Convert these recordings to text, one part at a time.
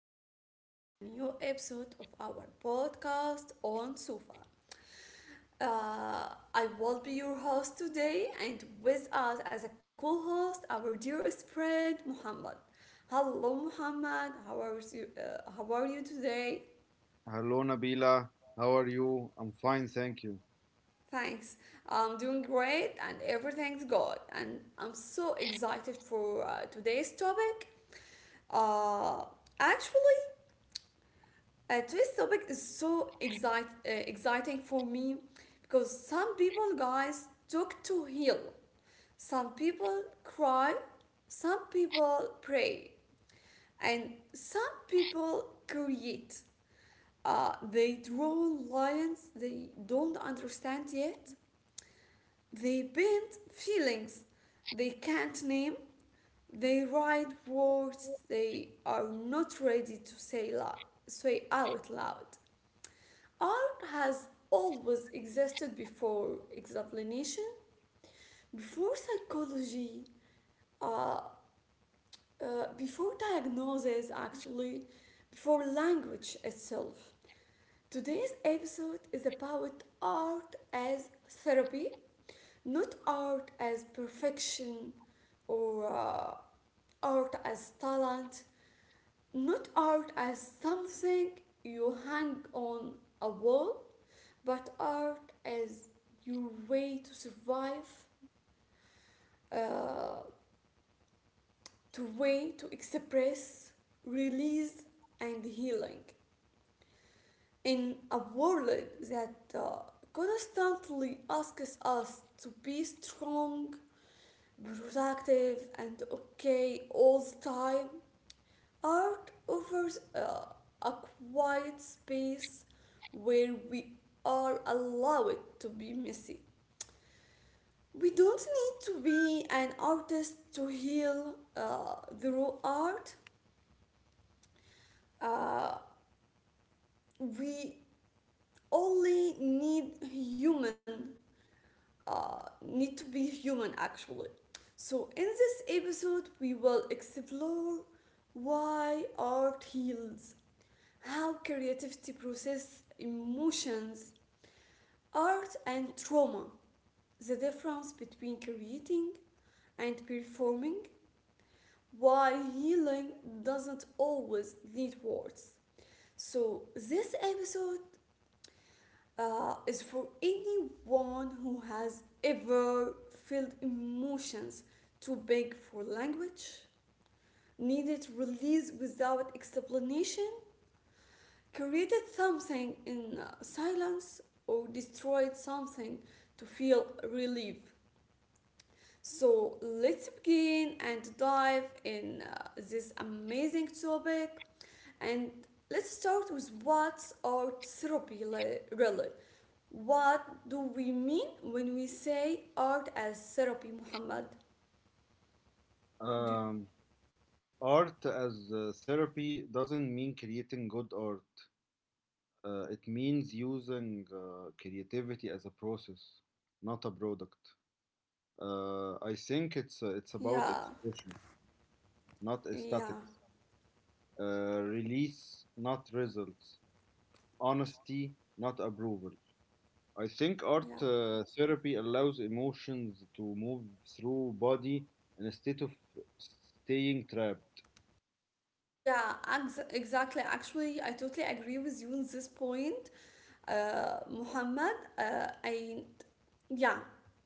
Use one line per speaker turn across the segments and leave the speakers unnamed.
welcome back to a new episode of our podcast on Sufa. Uh, I will be your host today, and with us as a co host, our dearest friend Muhammad. Hello, Muhammad. How are you today?
Hello, Nabila. How are you? I'm fine, thank you.
Thanks. I'm doing great, and everything's good. And I'm so excited for today's topic. Uh, actually, today's topic is so exciting for me because some people, guys, took to heal. Some people cry, some people pray, and some people create. They draw lines they don't understand yet. They paint feelings they can't name. They write words they are not ready to say out loud. Art has always existed before examination, before psychology, uh, before diagnosis, actually, before language itself. Today's episode is about art as therapy, not art as perfection or art as talent, not art as something you hang on a wall but art as your way to survive, uh, to way to express, release, and healing. In a world that constantly asks us to be strong, productive, and okay all the time, art offers a quiet space where we are allowed to be messy. We don't need to be an artist to heal the raw art. Uh, we only need need to be human actually. So, in this episode, we will explore why art heals, how creativity processes emotions, art, and trauma, the difference between creating and performing, why healing doesn't always need words. So, this episode is for anyone who has ever felt emotions too big for language, needed release without explanation, created something in silence, or destroyed something to feel relief. So let's begin and dive in this amazing topic. And let's start with what's art therapy really? What do we mean when we say art as therapy, Muhammad? Do,
Um, Art as therapy doesn't mean creating good art. It means using creativity as a process, not a product. I think it's
yeah,
about expression, not
yeah,
aesthetics. Release, not results. Honesty, not approval. I think
yeah.
art therapy allows emotions to move through body instead of staying trapped.
Exactly. Actually, I totally agree with you on this point, Muhammad. I Yeah,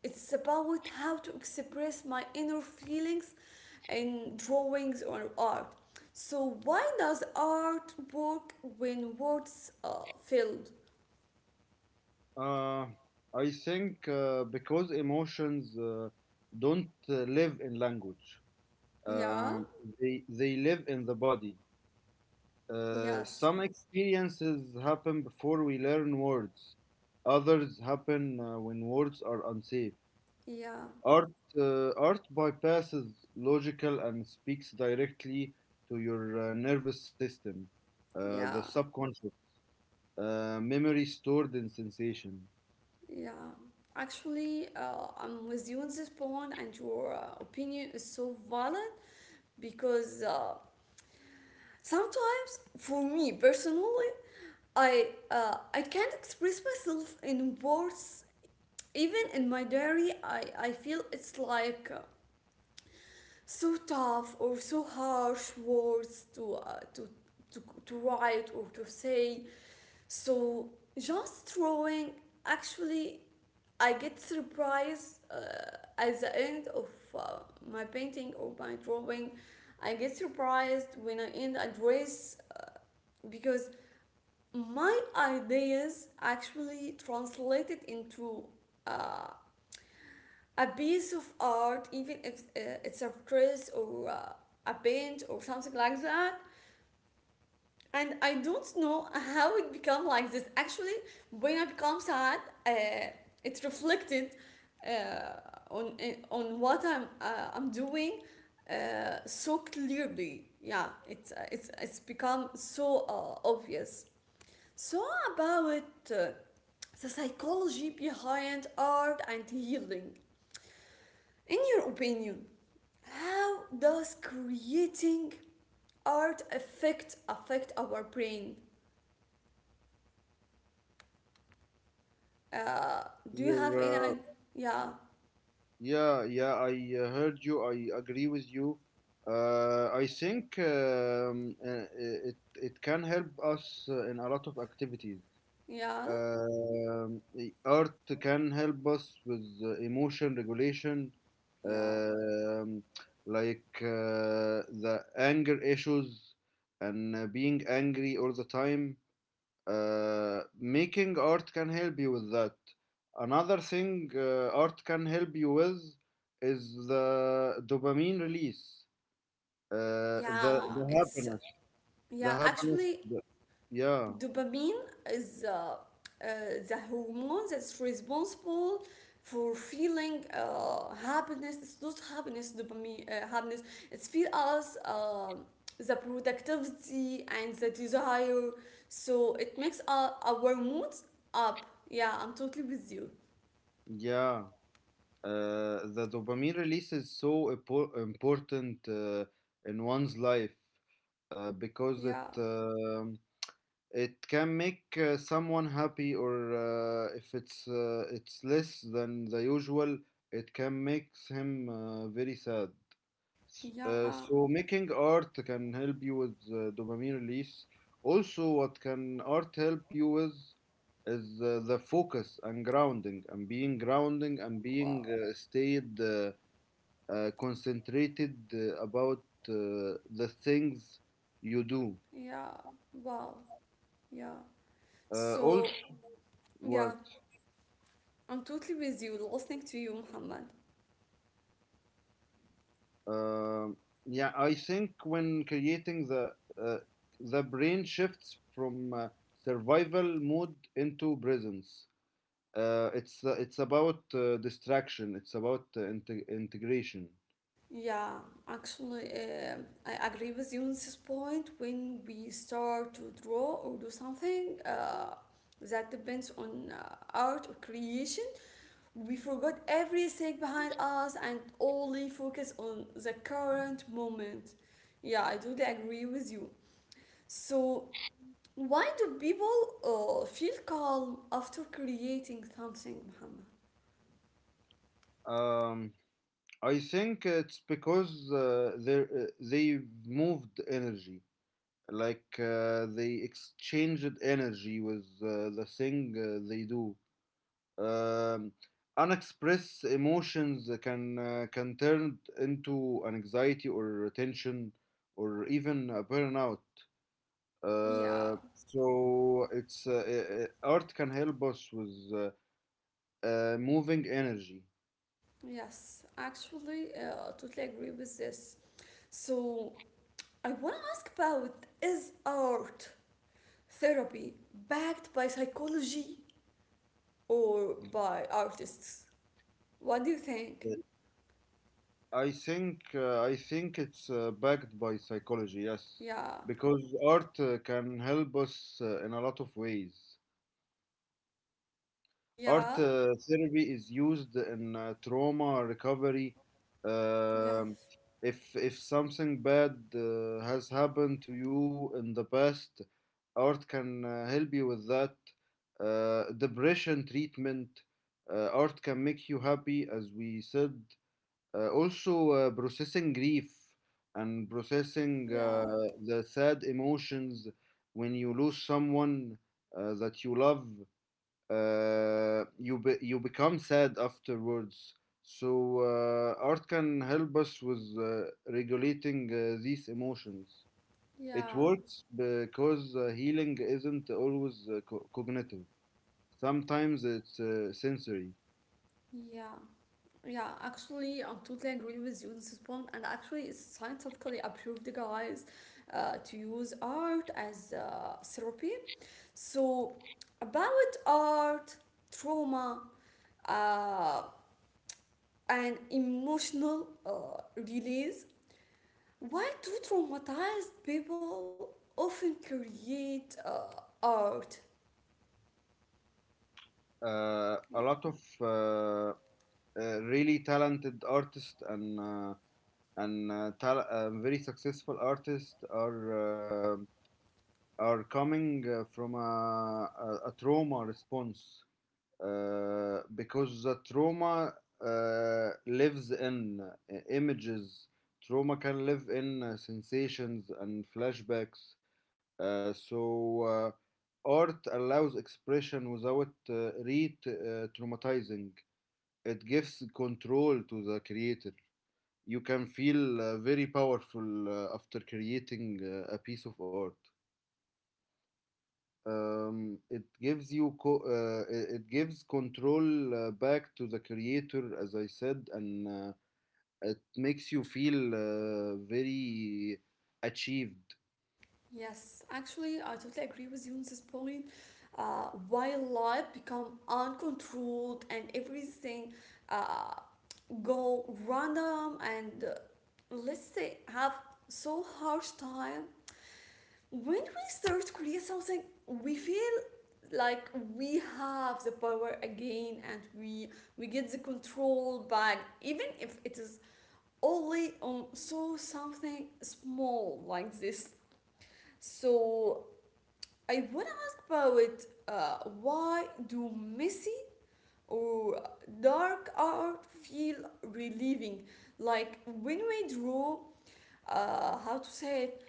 it's about how to express my inner feelings in drawings or art. So, why does art work when words are filled?
Uh, I think because emotions don't live in language.
Yeah,
Um they, they live in the body.
yes,
Some experiences happen before we learn words, others happen when words are unsafe.
yeah,
Art, art bypasses logical and speaks directly to your nervous system, the
yeah,
subconscious, memory stored in sensation.
yeah. Actually, I'm with you on this point, and your opinion is so valid because sometimes, for me personally, I can't express myself in words. Even in my diary, I feel it's like so tough or so harsh words to write or to say. So just drawing, actually, I get surprised at the end of uh, my painting or my drawing. I get surprised when I end a dress because my ideas actually translated into uh, a piece of art, even if it's a dress or a paint or something like that. And I don't know how it become like this. Actually, when I become sad, uh, it's reflected uh, on on what I'm doing so clearly. Yeah, it's become so obvious. So about the psychology behind art and healing. In your opinion, how does creating art affect our brain? Uh, do you
Your,
have any?
uh,
i- Yeah,
yeah, I heard you. I agree with you. I think it can help us in a lot of activities.
yeah,
Um, Art can help us with emotion regulation,
yeah,
um, like the anger issues and being angry all the time. Making art can help you with that. Another thing art can help you with is the dopamine release,
yeah.
the
It's
happiness,
yeah.
the
Actually,
happiness. Yeah,
Dopamine is the hormone that's responsible for feeling happiness. It's not happiness, dopamine, happiness. It's feel us the productivity and the desire. So it makes our moods up. Yeah, I'm totally with you.
yeah. The dopamine release is so important in one's life because it
Yeah,
um it can make someone happy, or if it's less than the usual, it can make him very sad. S-
yeah,
uh, so making art can help you with dopamine release. Also, what can art help you with is the focus and grounding and being
wow,
stayed concentrated about the things you do.
yeah, wow, yeah.
Also,
So, yeah,
what?
I'm totally with you, listening to you, Muhammad.
Um yeah, I think when creating uh, the brain shifts from survival mode into presence. It's about distraction. It's about integration.
Yeah, actually, I agree with you on this point. When we start to draw or do something that depends on art or creation, we forgot everything behind us and only focus on the current moment. Yeah, I totally agree with you. So, why do people feel calm after creating something, Muhammad?
Um, I think it's because they've moved energy, like they exchanged energy with the thing they do. Um, Unexpressed emotions can turn into an anxiety or tension or even a burnout.
Yeah.
So it's Art can help us with moving energy.
Yes, actually, totally agree with this. So, I want to ask about is art therapy backed by psychology or by artists? What do you think?
Uh, I think it's backed by psychology, yes,
Yeah,
because art can help us in a lot of ways. Art
yeah,
therapy is used in trauma recovery.
yes,
Um, if something bad has happened to you in the past, art can help you with that. Depression treatment, art can make you happy, as we said. Also, processing grief and processing
yeah,
the sad emotions when you lose someone that you love, you become sad afterwards. So art can help us with regulating these emotions.
yeah,
It works because healing isn't always cognitive. Sometimes it's sensory.
yeah. Yeah, actually, I totally agree with you on this point, and actually, it's scientifically approved, guys, to use art as therapy. So, about art, trauma, uh, and emotional release, why do traumatized people often create art?
A lot of really talented artists and very successful artists are coming from a trauma response because the trauma lives in images. Trauma can live in sensations and flashbacks. So art allows expression without re-traumatizing. It gives control to the creator. You can feel very powerful after creating a piece of art. It gives you co- it it gives control back to the creator, as I said, and it makes you feel very achieved.
Yes, actually, I totally agree with you on this point. While life become uncontrolled and everything uh, go random and let's say have so harsh time, when we start to create something, we feel like we have the power again and we get the control back, even if it is only on so something small like this. So I wanna ask about why do messy or dark art feel relieving? Like when we draw, how to say it?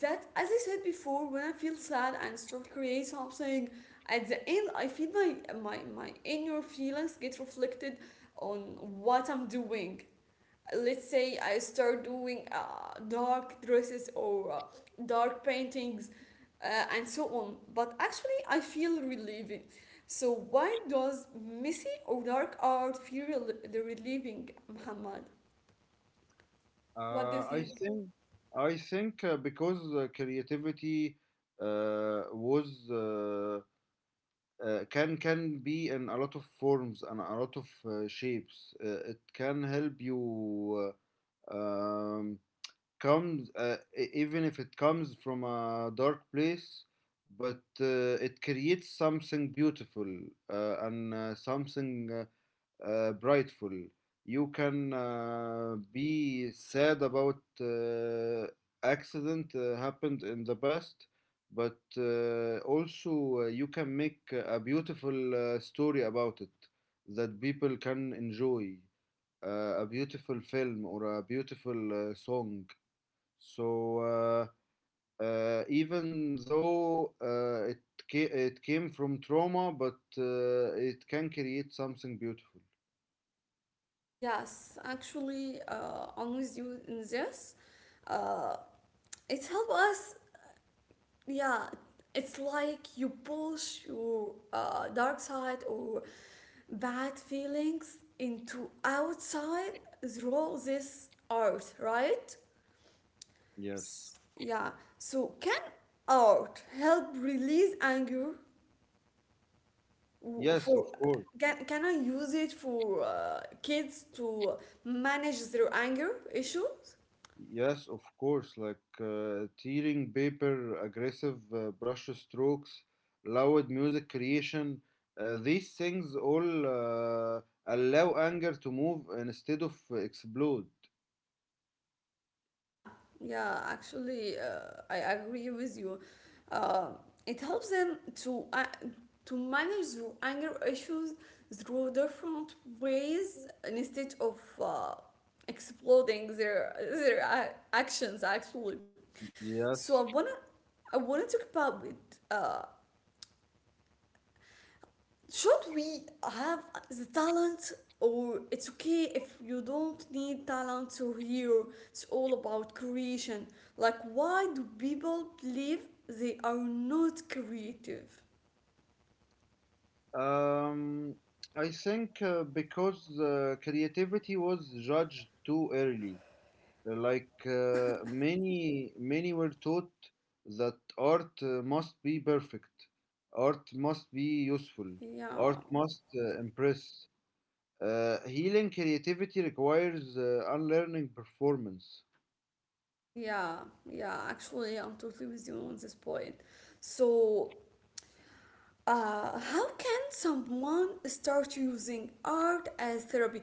That as I said before, when I feel sad and start create something, at the end I feel my inner feelings get reflected on what I'm doing. Let's say I start doing dark dresses or dark paintings and so on. But actually, I feel relieving. So why does messy or dark art feel rel- the relieving, Muhammad? What do
Uh,
you
i
think?
think I think Because creativity was can be in a lot of forms and a lot of shapes. It can help you uh, um, even if it comes from a dark place, but it creates something beautiful, and something brightful. You can be sad about accident happened in the past, but also you can make a beautiful story about it that people can enjoy, a beautiful film or a beautiful song. so uh, Even though it came from trauma, but it can create something beautiful.
Yes, actually, I'm with you in this. Uh, it helps us, yeah, it's like you push your dark side or bad feelings into outside through this art, right?
Yes.
S- yeah. So can art help release anger? W-
Yes, of
for,
course.
can, can I use it for kids to manage their anger issues?
Yes, of course. Like tearing paper, aggressive brush strokes, loud music creation. These things all allow anger to move instead of explode.
Yeah, yeah, actually, I agree with you. Uh, it helps them to manage their anger issues through different ways instead of exploding their actions. Actually, so
Yes.
I wanna talk about it. Should we have the talent or it's okay if you don't need talent to hear, it's all about creation. Like why do people believe they are not creative?
Um, I think because creativity was judged too early. Like many, many were taught that art must be perfect, art must be useful, art
Yeah,
must impress. Healing creativity requires unlearning performance.
yeah, yeah, actually, I'm totally with you on this point. So, uh, how can someone start using art as therapy?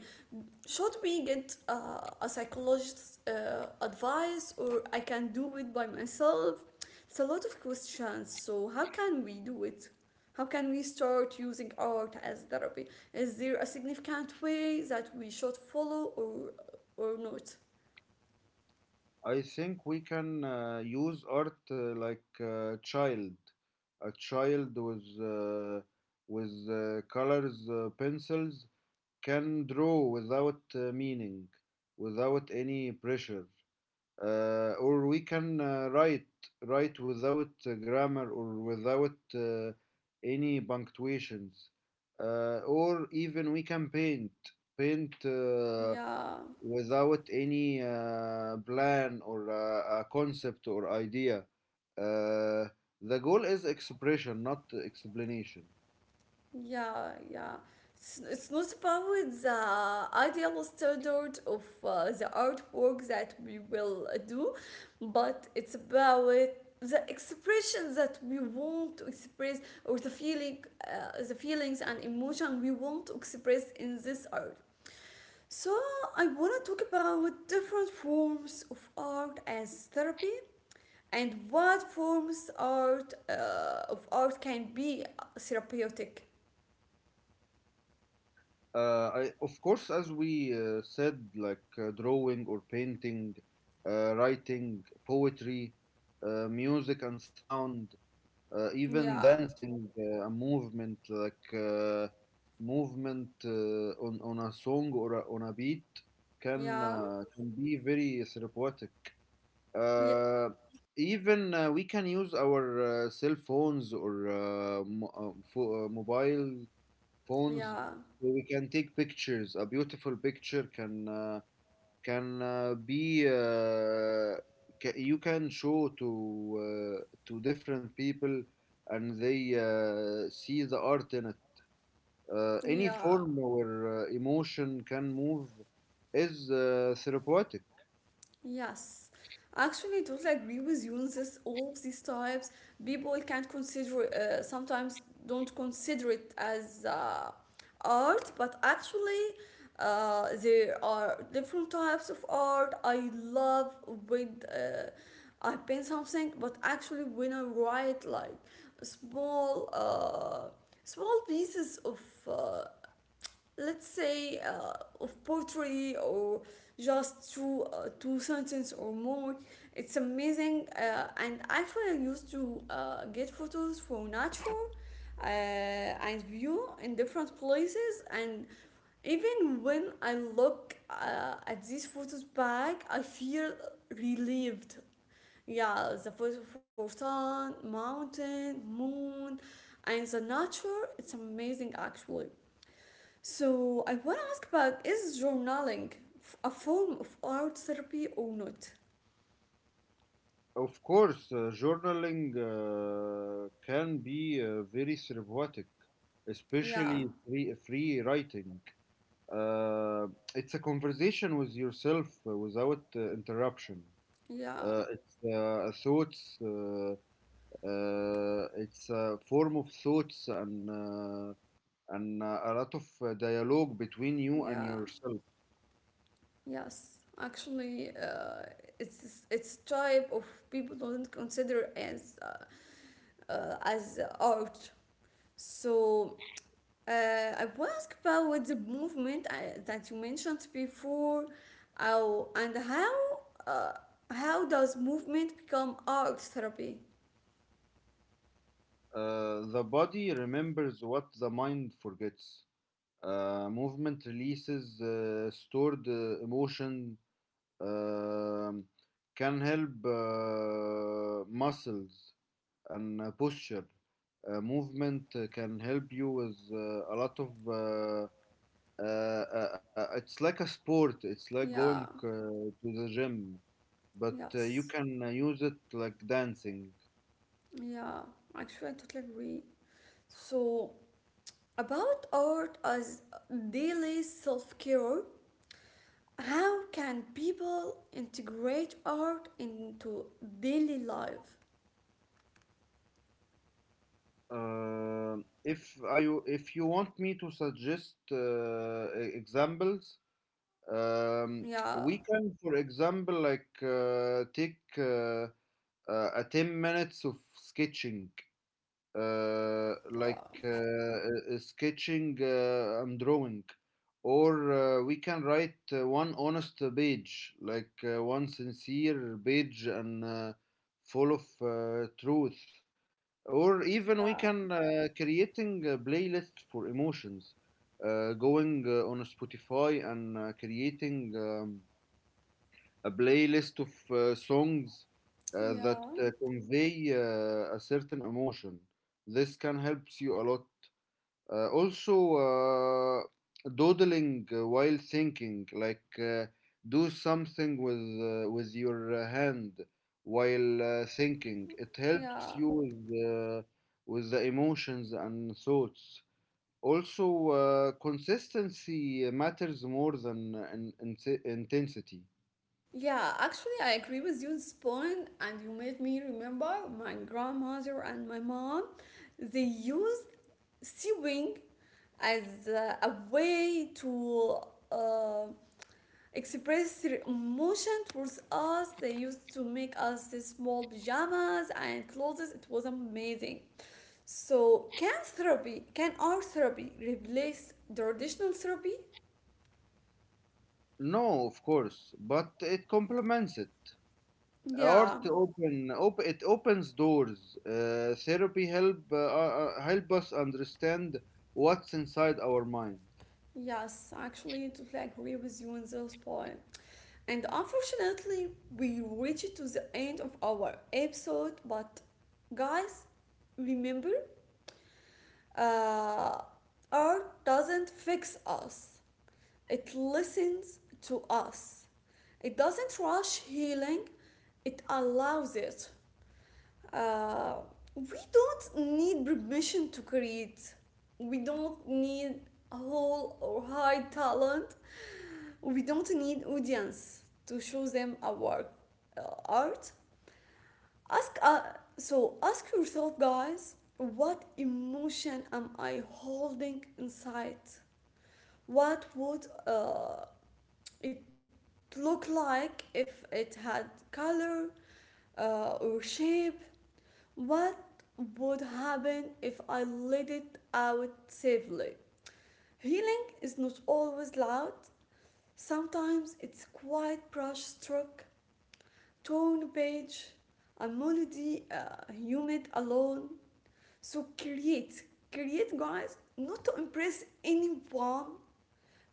Should we get a psychologist's advice or I can do it by myself? It's a lot of questions. So, how can we do it? How can we start using art as therapy? Is there a significant way that we should follow or not?
I think we can use art like a child with colors, pencils can draw without meaning, without any pressure, or we can write write without grammar or without any punctuations, or even we can paint.
Yeah.
Without any plan or a concept or idea. Uh, the goal is expression, not explanation.
Yeah, yeah. It's not about the ideal standard of the artwork that we will do, but it's about the expression that we want to express or the feeling, the feelings and emotion we want to express in this art. So I want to talk about different forms of art as therapy and what forms art of art can be therapeutic.
I, of course, as we said, like drawing or painting, writing, poetry, music and sound, even
Yeah,
dancing, a movement like movement on a song or a, on a beat
yeah,
can be very therapeutic.
yeah,
uh, Even we can use our cell phones or mobile phones,
yeah,
so we can take pictures. A beautiful picture can be you can show to different people, and they see the art in it. Any
yeah,
form or emotion can move is therapeutic.
yes. Actually, I totally agree with you on this. All of these types, people can't consider, sometimes don't consider it as art, but actually, there are different types of art. I love when I paint something, but actually, when I write like small, small pieces of uh, let's say of poetry or just two sentences or more, it's amazing and actually I used to get photos for nature and view in different places. And even when I look at these photos back I feel relieved. Yeah, the photo for sun, mountain, moon, and the nature, it's amazing actually. So I want to ask, about is journaling a form of art therapy or not?
Of course, journaling can be very therapeutic,
Yeah,
especially free writing. Uh, it's a conversation with yourself without interruption.
yeah,
It's Thoughts. It's a form of thoughts and a lot of dialogue between you and
yeah,
yourself.
yes. Actually, it's type of people don't consider as art. So I want to ask about with the movement I that you mentioned before, how and how uh, how does movement become art therapy?
The body remembers what the mind forgets. Movement releases stored emotion. um can help muscles and posture. Movement can help you with a lot of. It's like a sport. It's like
Yeah,
going to the gym, but
yes.
you can use it like dancing.
Yeah, actually, I totally agree. So, about art as daily self care, how can people integrate art into daily life?
Uh, if I if you want me to suggest examples, Um,
Yeah,
we can, for example, like take a 10 minutes of sketching,
wow.
sketching and drawing, or we can write one honest page, like one sincere page and full of truth, or even we
Yeah,
can creating a playlist for emotions, going on Spotify and creating a playlist of songs that
yeah,
convey a certain emotion. This can help you a lot. Also, doodling while thinking, like do something with your hand while thinking. It helps
yeah.
you with the emotions and thoughts. Also, consistency matters more than intensity.
Yeah, actually, I agree with you on this point, and you made me remember my grandmother and my mom. They used sewing as a way to uh, express their emotion towards us. They used to make us these small pajamas and clothes. It was amazing. So, can therapy, can art therapy replace the traditional therapy?
No, of course, but it complements it. Art
Yeah.
open op it opens doors. Therapy help help us understand what's inside our mind.
Yes, actually, totally agree with you on this point. And unfortunately, we reached to the end of our episode. But guys, remember, uh, art doesn't fix us. It listens to us. It doesn't rush healing. It allows it. Uh, we don't need permission to create. We don't need a whole or high talent. We don't need audience to show them our work, art. Ask so ask yourself, guys, what emotion am I holding inside? What would it look like if it had color or shape? What would happen if I let it out safely? Healing is not always loud. Sometimes it's quiet brush stroke, torn page, a melody, humid alone. So create, create, guys, not to impress anyone,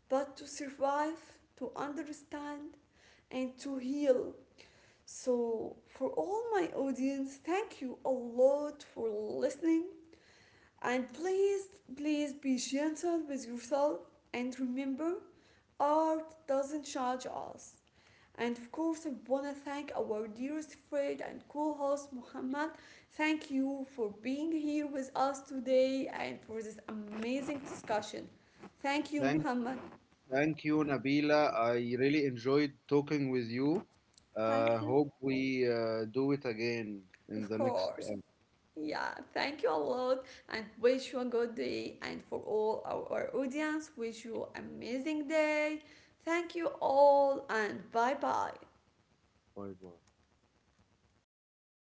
but to survive, to understand, and to heal. So, for all my audience, thank you a lot for listening. And please, please be gentle with yourself and remember, art doesn't judge us. And of course, I want to thank our dearest friend and co host, Muhammad. Thank you for being here with us today and for this amazing discussion. Thank you,
thank
Muhammad.
thank you nabila I really enjoyed talking with you.
Thank you.
Hope we do it again in
Of
the next
course.
time.
Yeah, thank you a lot and wish you a good day. And for all our audience, wish you amazing day. Thank you all and bye bye.
Bye bye.